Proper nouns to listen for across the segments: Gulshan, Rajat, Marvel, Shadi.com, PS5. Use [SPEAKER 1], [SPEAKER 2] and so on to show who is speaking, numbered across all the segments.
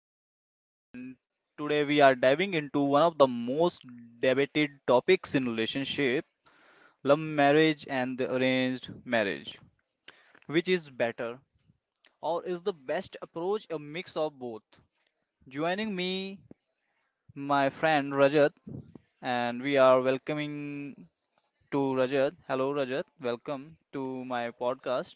[SPEAKER 1] Gulshan, and today we are diving into one of the most debated topics in relationship love marriage and the arranged marriage. Which is better, or is the best approach a mix of both? Joining me, my friend Rajat, and we are welcoming to Rajat. Hello, Rajat, welcome to my podcast.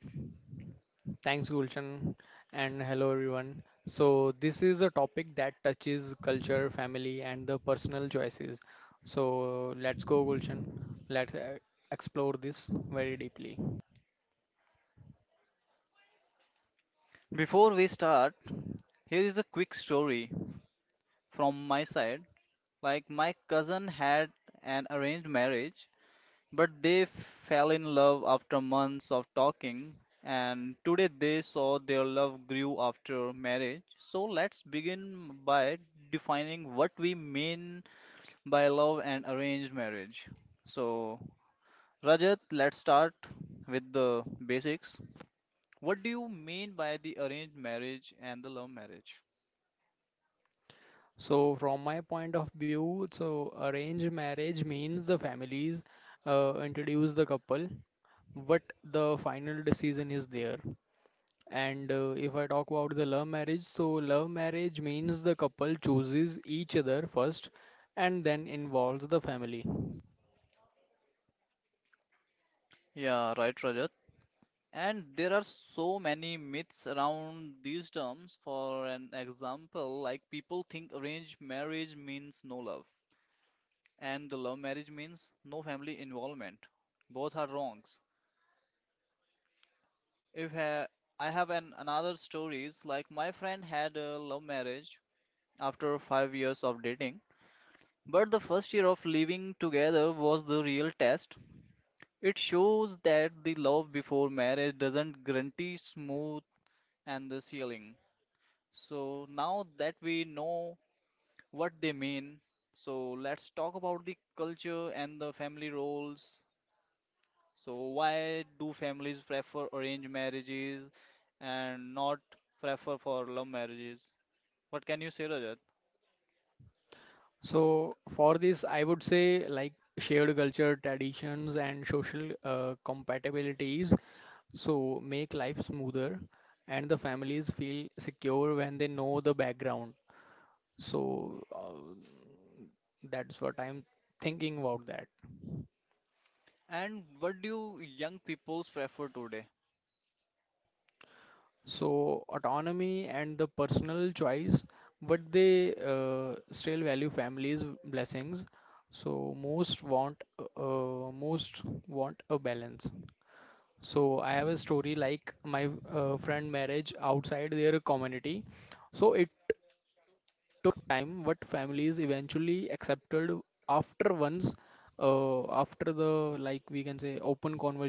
[SPEAKER 2] Thanks, Gulshan, and hello everyone. So, this is a topic that touches culture, family, and the personal choices. So, let's go, Gulshan. Let's explore this very deeply.
[SPEAKER 1] Before we start, here is a quick story from my side. Like my cousin had an arranged marriage, but they fell in love after months of talking, and today they saw their love grew after marriage. So let's begin by defining what we mean by love and arranged marriage. So, Rajat, let's start with the basics. What do you mean by the arranged marriage and the love marriage?
[SPEAKER 2] So, from my point of view, so arranged marriage means the families introduce the couple, but the final decision is there. And if I talk about the love marriage, so love marriage means the couple chooses each other first and then involves the family.
[SPEAKER 1] Yeah, right, Rajat. And there are so many myths around these terms. For an example, like people think arranged marriage means no love, and the love marriage means no family involvement. Both are wrongs. If ha- I have an another stories, like my friend had a love marriage after 5 years of dating, but the first year of living together was the real test. It shows that the love before marriage doesn't guarantee smooth and the sealing. So now that we know what they mean, so let's talk about the culture and the family roles. So why do families prefer arranged marriages and not prefer for love marriages? What can you say, Rajat?
[SPEAKER 2] So for this, I would say like shared culture, traditions, and social compatibilities. So make life smoother and the families feel secure when they know the background. So that's what I'm thinking about that.
[SPEAKER 1] And what do young peoples prefer today?
[SPEAKER 2] So autonomy and the personal choice, but they still value families' blessings. So most want a balance. So I have a story like my friend marriage outside their community. So it time what families eventually accepted after once after the like we can say open conversation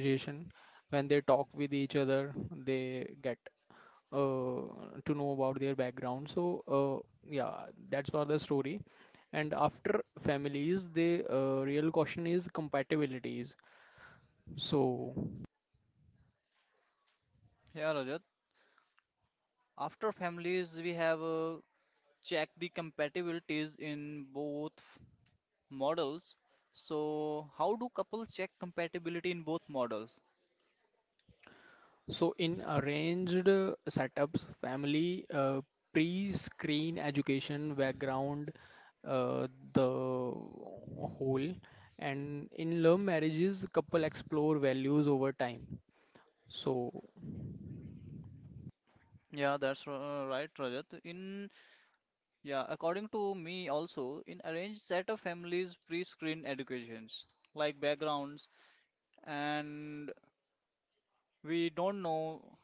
[SPEAKER 2] when they talk with each other they get uh, to know about their background. So, yeah, that's for the story. And after families, the real question is compatibilities. So,
[SPEAKER 1] Yeah, Rajat. After families, we have checked the compatibilities in both models. So, how do couples check compatibility in both models?
[SPEAKER 2] so in arranged setups, family pre-screen education background uh, the whole, and in love marriages, couple explore values over time. So,
[SPEAKER 1] Yeah, that's r- right, Rajat. In yeah, according to me also, in arranged set of families pre-screen educations like backgrounds, and we don't know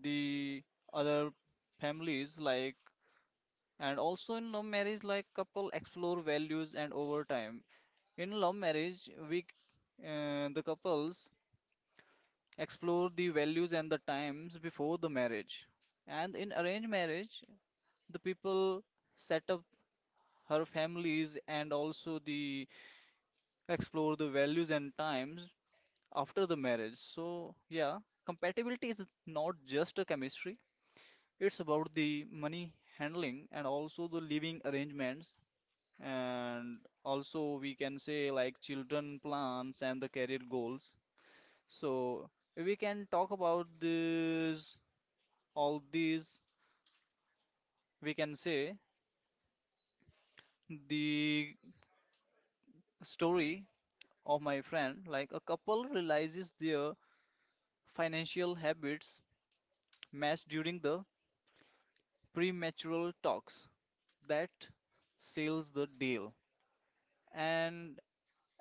[SPEAKER 1] the other families like, and also in love marriage, like couple explore values and over time. In love marriage, the couples explore the values and the times before the marriage, and in arranged marriage, the people set up her families and also the explore the values and times after the marriage. So yeah, compatibility is not just a chemistry, it's about the money handling and also the living arrangements, and also we can say like children plans and the career goals. So we can talk about this all these, we can say, the story of my friend like a couple realizes their financial habits matched during the premature talks that seals the deal. And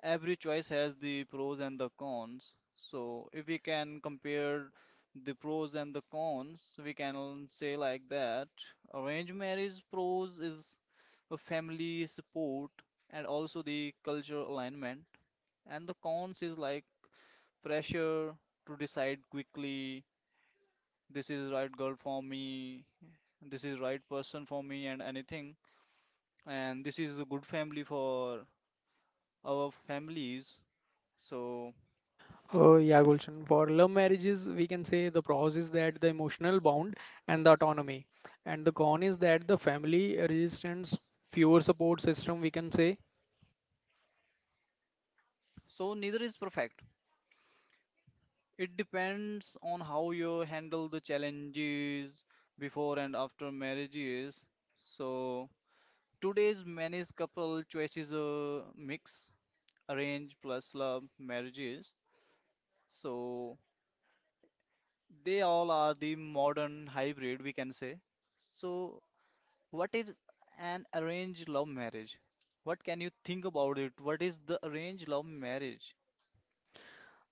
[SPEAKER 1] every choice has the pros and the cons. So if we can compare the pros and the cons, we can say like that arranged marriage pros is a family support and also the cultural alignment, and the cons is like pressure to decide quickly, this is right girl for me, this is right person for me, and anything. And this is a good family for our families. So,
[SPEAKER 2] oh, yeah, Gulshan. For love marriages, we can say the pros is that the emotional bond and the autonomy, and the con is that the family resistance, fewer support system, we can say.
[SPEAKER 1] so neither is perfect. It depends on how you handle the challenges before and after marriages. So, today's many's couple choices a mix arrange plus love marriages. So, they all are the modern hybrid, we can say. So, what is an arranged love marriage? What can you think about it? What is the arranged love marriage?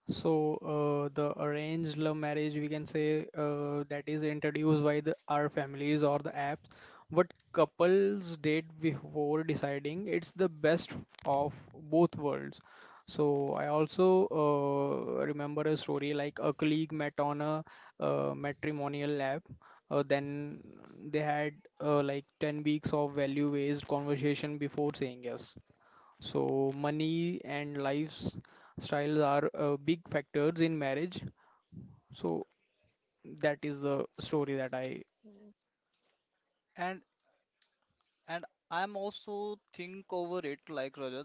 [SPEAKER 2] So the arranged love marriage, we can say that is introduced by the our families or the apps. What couples date before deciding, it's the best of both worlds. So I also remember a story like a colleague met on a matrimonial app. Then they had like 10 weeks of value-based conversation before saying yes. So money and lifestyle are big factors in marriage. So that is the story that I
[SPEAKER 1] And and I'm also think over it like Rajat,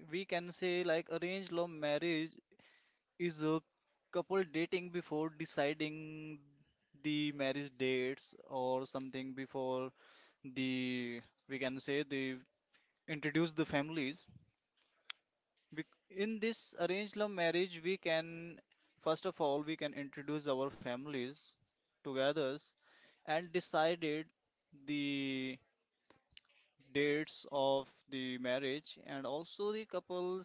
[SPEAKER 1] we can say like arranged love marriage is a couple dating before deciding the marriage dates or something before the, we can say, they introduce the families. In this arranged love marriage we can first of all we can introduce our families together and decided the dates of the marriage and also the couples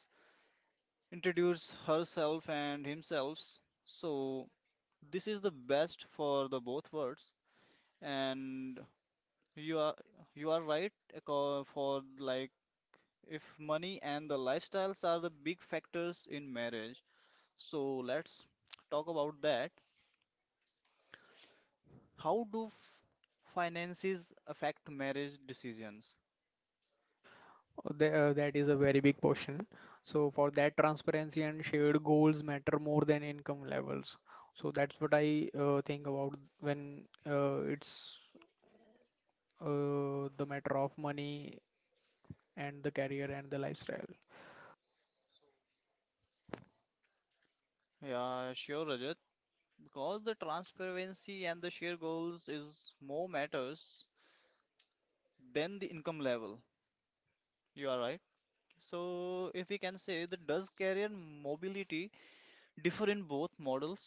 [SPEAKER 1] introduce herself and himself. So this is the best for the both worlds. And you are you are right, for like if money and the lifestyles are the big factors in marriage. So let's talk about that. How do finances affect marriage decisions?
[SPEAKER 2] uh, the, uh, That is a very big portion. So for that, transparency and shared goals matter more than income levels. So that's what I think about when it's the matter of money and the career and the lifestyle.
[SPEAKER 1] Yeah, sure, Rajat. Because the transparency and the share goals is more matters than the income level. You are right. So if we can say that, does career mobility differ in both models?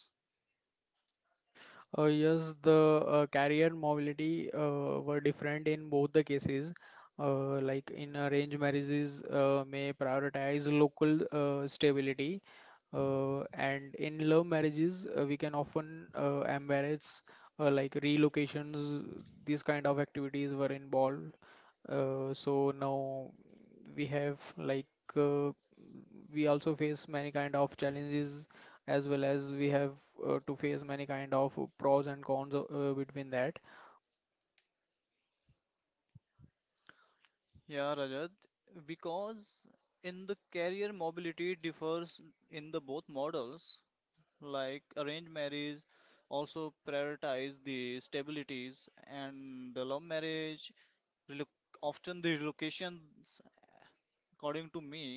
[SPEAKER 2] Yes, the career mobility were different in both the cases. Like in arranged marriages, may prioritize local stability, and in love marriages, we can often embrace like relocations. These kind of activities were involved. So now we have like uh, we also face many kind of challenges as well as we have to face many kind of pros and cons between that.
[SPEAKER 1] Yeah, Rajat. Because in the career mobility differs in the both models. Like arranged marriage also prioritize the stabilities and the love marriage reloc often the relocations, according to me.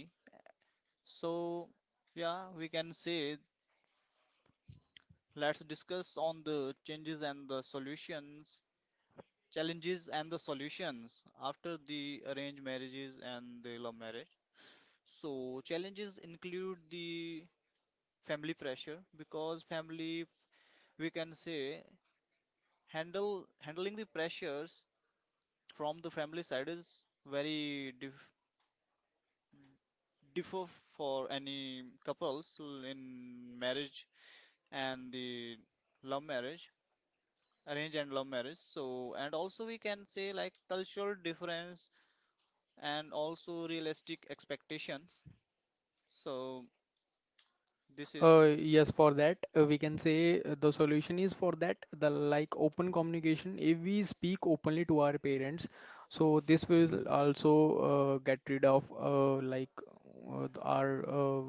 [SPEAKER 1] So yeah, we can say let's discuss on the changes and the solutions, challenges and the solutions after the arranged marriages and the love marriage. So challenges include the family pressure, because family, we can say, handle handling the pressures from the family side is very differ for any couples in marriage and the love marriage, arrange and love marriage. So and also we can say like cultural difference and also realistic expectations. So this is.
[SPEAKER 2] Yes, for that we can say the solution is for that the like open communication if we speak openly to our parents, so this will also get rid of like our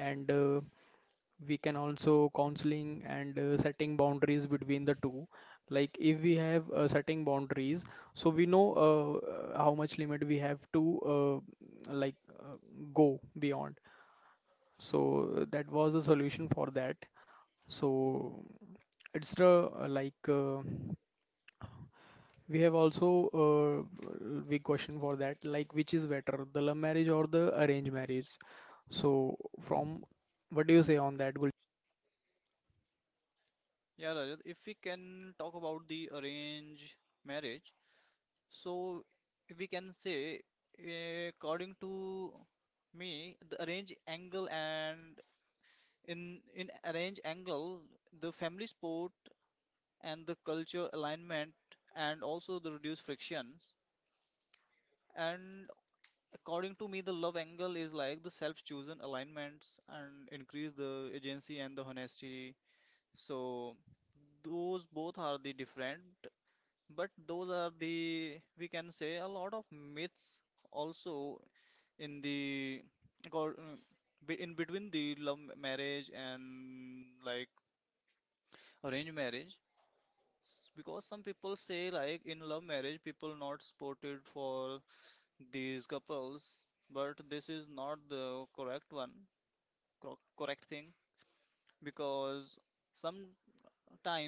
[SPEAKER 2] and we can also counseling and setting boundaries between the two. Like if we have setting boundaries, so we know how much limit we have to like go beyond. So that was the solution for that. So it's the we have also big question for that, like which is better, the love marriage or the arranged marriage? So from what do you say on that, Gulshan?
[SPEAKER 1] Yeah, Rajat, if we can talk about the arranged marriage, so we can say, according to me, the arranged angle and in arranged angle, the family support and the culture alignment and also the reduced frictions. And according to me, the love angle is like the self-chosen alignments and increase the agency and the honesty. So those both are the different. But those are the, we can say, a lot of myths also in the, cor- uh, in between the love marriage and like arranged marriage. Because some people say like in love marriage, people not supported for these couples, but this is not the correct one, correct thing, because sometimes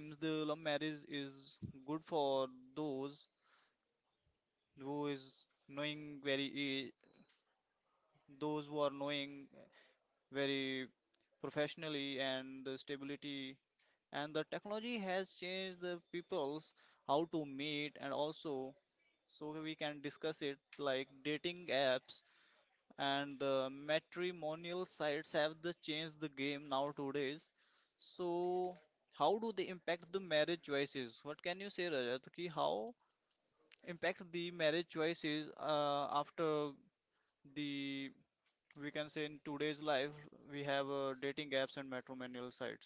[SPEAKER 1] the love marriage is good for those who is knowing very those who are knowing very professionally and stability. And the technology has changed the people's how to meet and also, so we can discuss it like dating apps and the matrimonial sites have the changed the game now nowadays. So how do they impact the marriage choices, what can you say, Rajat, ki how impact the marriage choices after the, we can say, in today's life we have dating apps and matrimonial sites.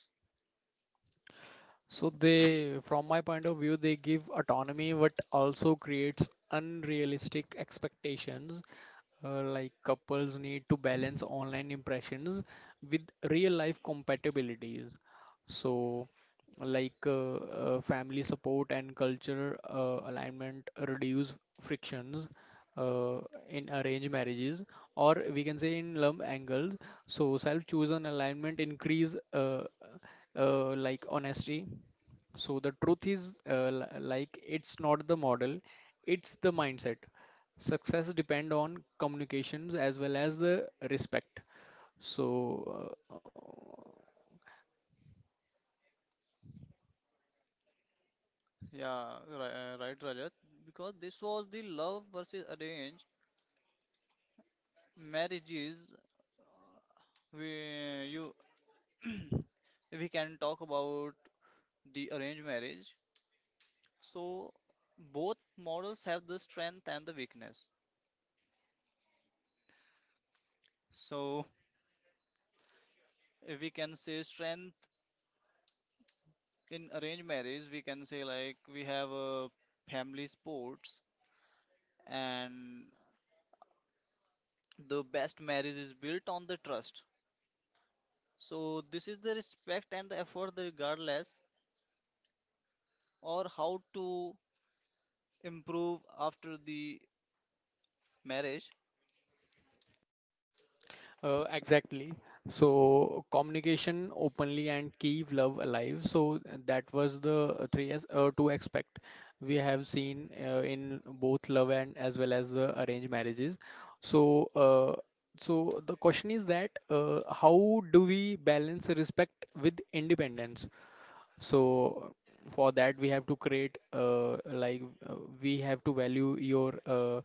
[SPEAKER 2] So they, from my point of view, they give autonomy, but also creates unrealistic expectations. Like couples need to balance online impressions with real life compatibilities. So, like family support and culture alignment reduce frictions uh, in arranged marriages, or we can say in love angles. So, self-chosen alignment increase like honesty. So the truth is like it's not the model, it's the mindset. Success depend on communications as well as the respect. So uh,
[SPEAKER 1] right, Rajat. Because this was the love versus arranged marriages. We you we can talk about the arranged marriage. So both models have the strength and the weakness. So if we can say strength in arranged marriage, we can say like we have a family sports and the best marriage is built on the trust. So this is the respect and the effort, the regardless or how to improve after the marriage.
[SPEAKER 2] Exactly. So communication openly and keep love alive. So that was the three as to expect. We have seen in both love and as well as the arranged marriages. So so the question is that how do we balance respect with independence? So for that we have to create we have to value your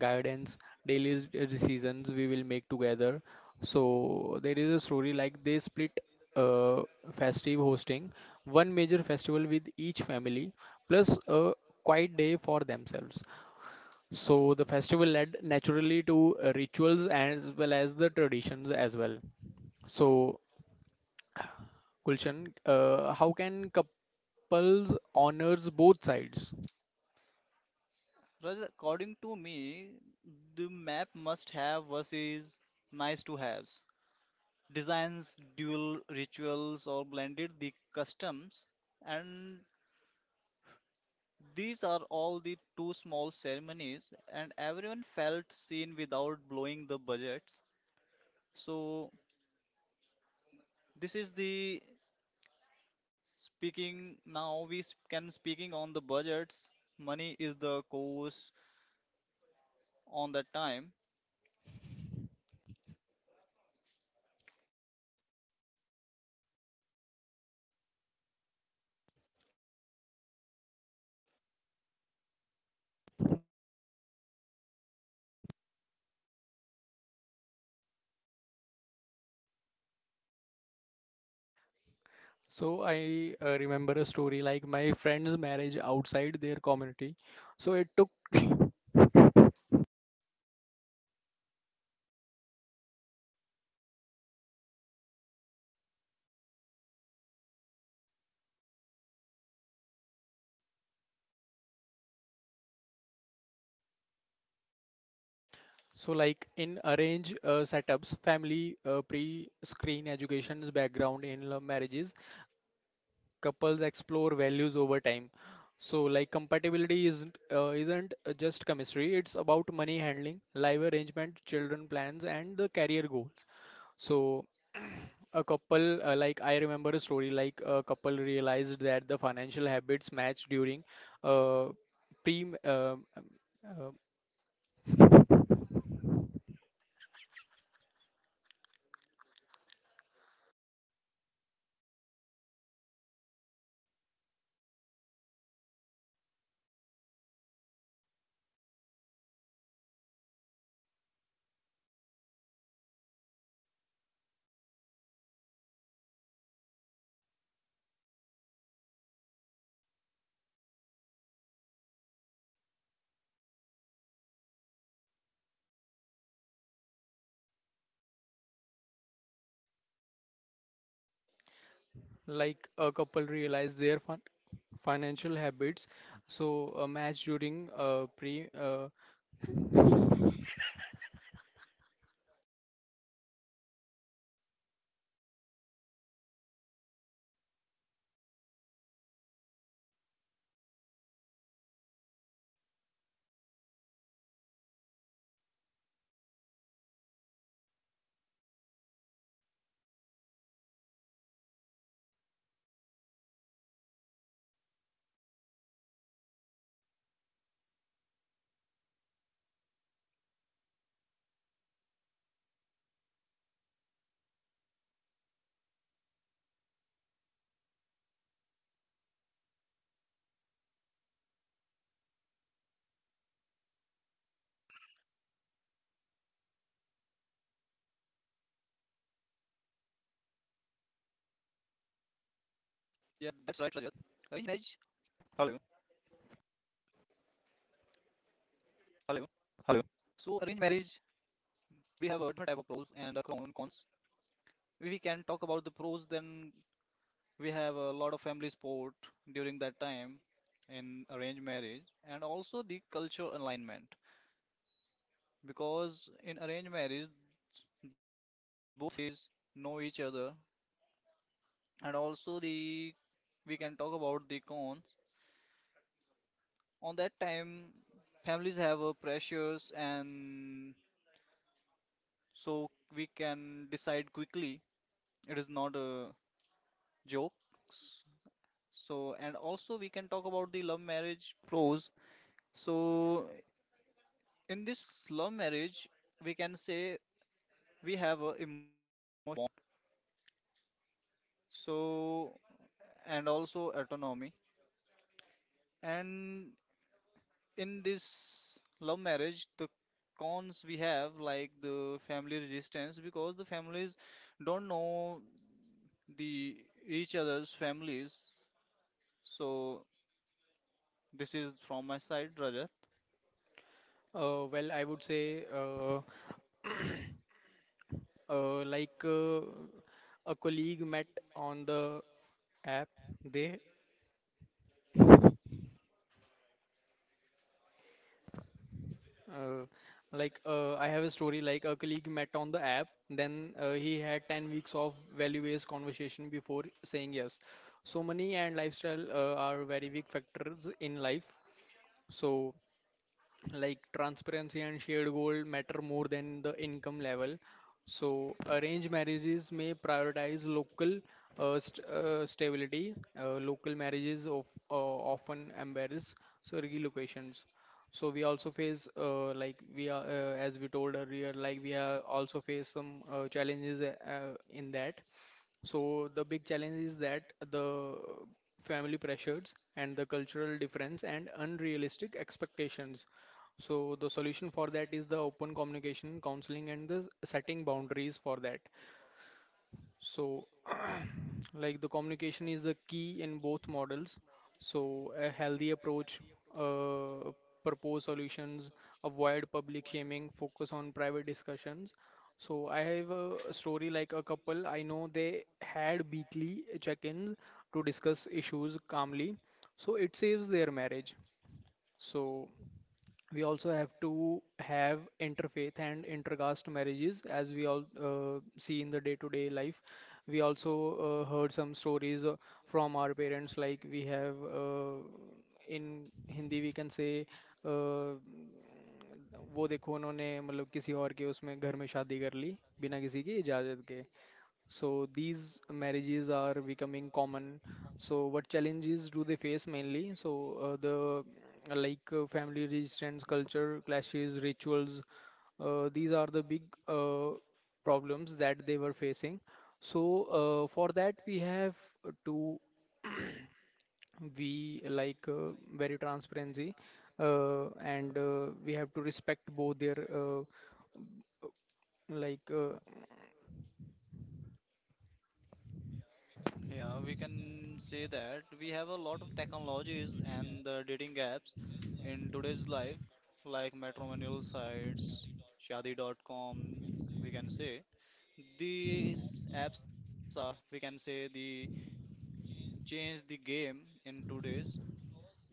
[SPEAKER 2] guidance. Daily decisions we will make together. So there is a story like they split uh, festive hosting, one major festival with each family plus a quiet day for themselves. So the festival led naturally to rituals as well as the traditions as well. So Gulshan, how can couples honors both sides?
[SPEAKER 1] Rather, according to me, the map must have versus nice to haves. Designs dual rituals or blended the customs, and these are all the two small ceremonies and everyone felt seen without blowing the budgets. So this is the. Speaking now, can speaking on the budgets. Money is the cost on the time.
[SPEAKER 2] So I remember a story like my friend's marriage outside their community. So it took so like in arrange setups, family pre-screen education's background in love marriages, couples explore values over time. So like compatibility isn't just chemistry. It's about money handling, life arrangement, children plans, and the career goals. So a couple like I remember a story like a couple realized that the financial habits matched during uh, pre uh, like a couple realized their financial habits, so a match during pre
[SPEAKER 1] Right. Marriage, the different types of pros and cons. Hello. Hello. So, if we have the pros and the cons, we can talk about the pros, then we have a lot of family support during that time in arranged marriage, and also the cultural alignment, because in arranged marriage both know each other. And also the, we can talk about the con on that time, families have pressures. And so we can decide quickly, it is not a joke. So and also we can talk about the love marriage pros. So in this love marriage, we can say we have a so and also autonomy. And in this love marriage, the cons we have like the family resistance, because the families don't know the each other's families. So this is from my side, Rajat.
[SPEAKER 2] well I would say uh, like uh, a colleague met on the app they Uh, like I have a story like a colleague met on the app, then he had 10 weeks of value-based conversation before saying yes. So money and lifestyle are very big factors in life. So like transparency and shared goal matter more than the income level. So arranged marriages may prioritize local stability. Local marriages of often embarrass, so relocations. So we also face like we are as we told earlier, like we are also face some challenges in that. So the big challenge is that the family pressures and the cultural difference and unrealistic expectations. So the solution for that is the open communication, counseling, and the setting boundaries for that. So, like the communication is the key in both models. So a healthy approach, uh, propose solutions, avoid public shaming, focus on private discussions. So I have a story like a couple. I know they had weekly check-ins to discuss issues calmly. So it saves their marriage. So we also have to have interfaith and intercaste marriages, as we all see in the day-to-day life. We also heard some stories from our parents, like we have uh, in hindi we can say, uh, वो देखो उन्होंने मतलब किसी और के उसमें घर में शादी कर ली बिना किसी की इजाजत के. So these marriages are becoming common. So what challenges do they face mainly? So the mm, like family resistance, culture clashes, rituals. These are the big problems that they were facing. So for that we have to be like very transparency and we have to respect both their like uh,
[SPEAKER 1] Yeah, we can say that we have a lot of technologies and the dating apps in today's life, like matrimonial sites, Shadi.com, we can say. These apps are, can say, the change the game in today's, because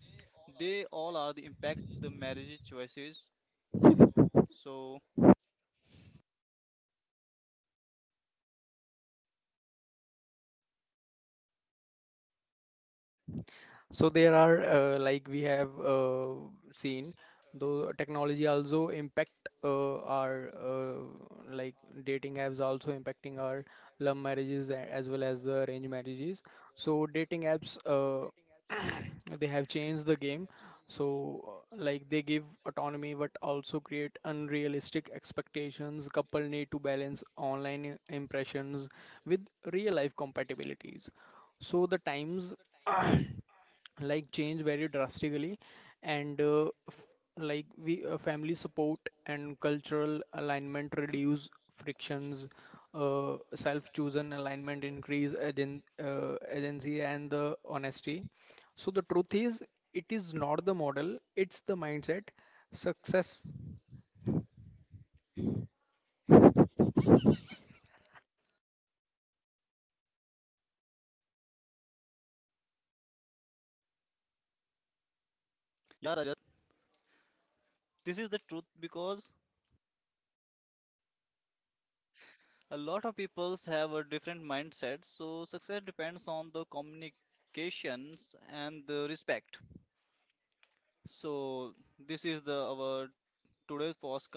[SPEAKER 1] they all are the impact the marriage choices. So
[SPEAKER 2] So there are like we have seen though technology also impact our like dating apps also impacting our love marriages as well as the arranged marriages. So dating apps they have changed the game. So like they give autonomy but also create unrealistic expectations. Couple need to balance online impressions with real life compatibilities. So the times like change very drastically, and f- like we family support and cultural alignment reduce frictions. Self-chosen alignment increase agency and the honesty. So the truth is, it is not the model, it's the mindset. success
[SPEAKER 1] yeah, Rajat, this is the truth because a lot of peoples have a different mindset. So success depends on the communications and the respect. So this is the our today's posca podcast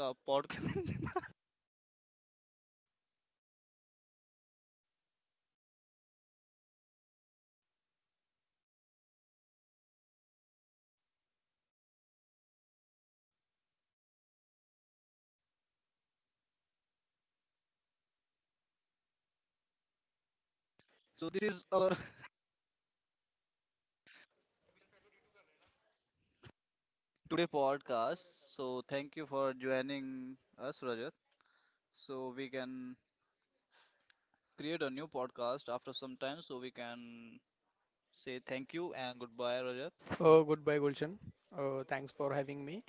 [SPEAKER 1] so this is our podcast. So thank you for joining us, Rajat. So we can create a new podcast after some time. So we can say thank you and goodbye, Rajat.
[SPEAKER 2] uh, Goodbye Gulshan, thanks for having me.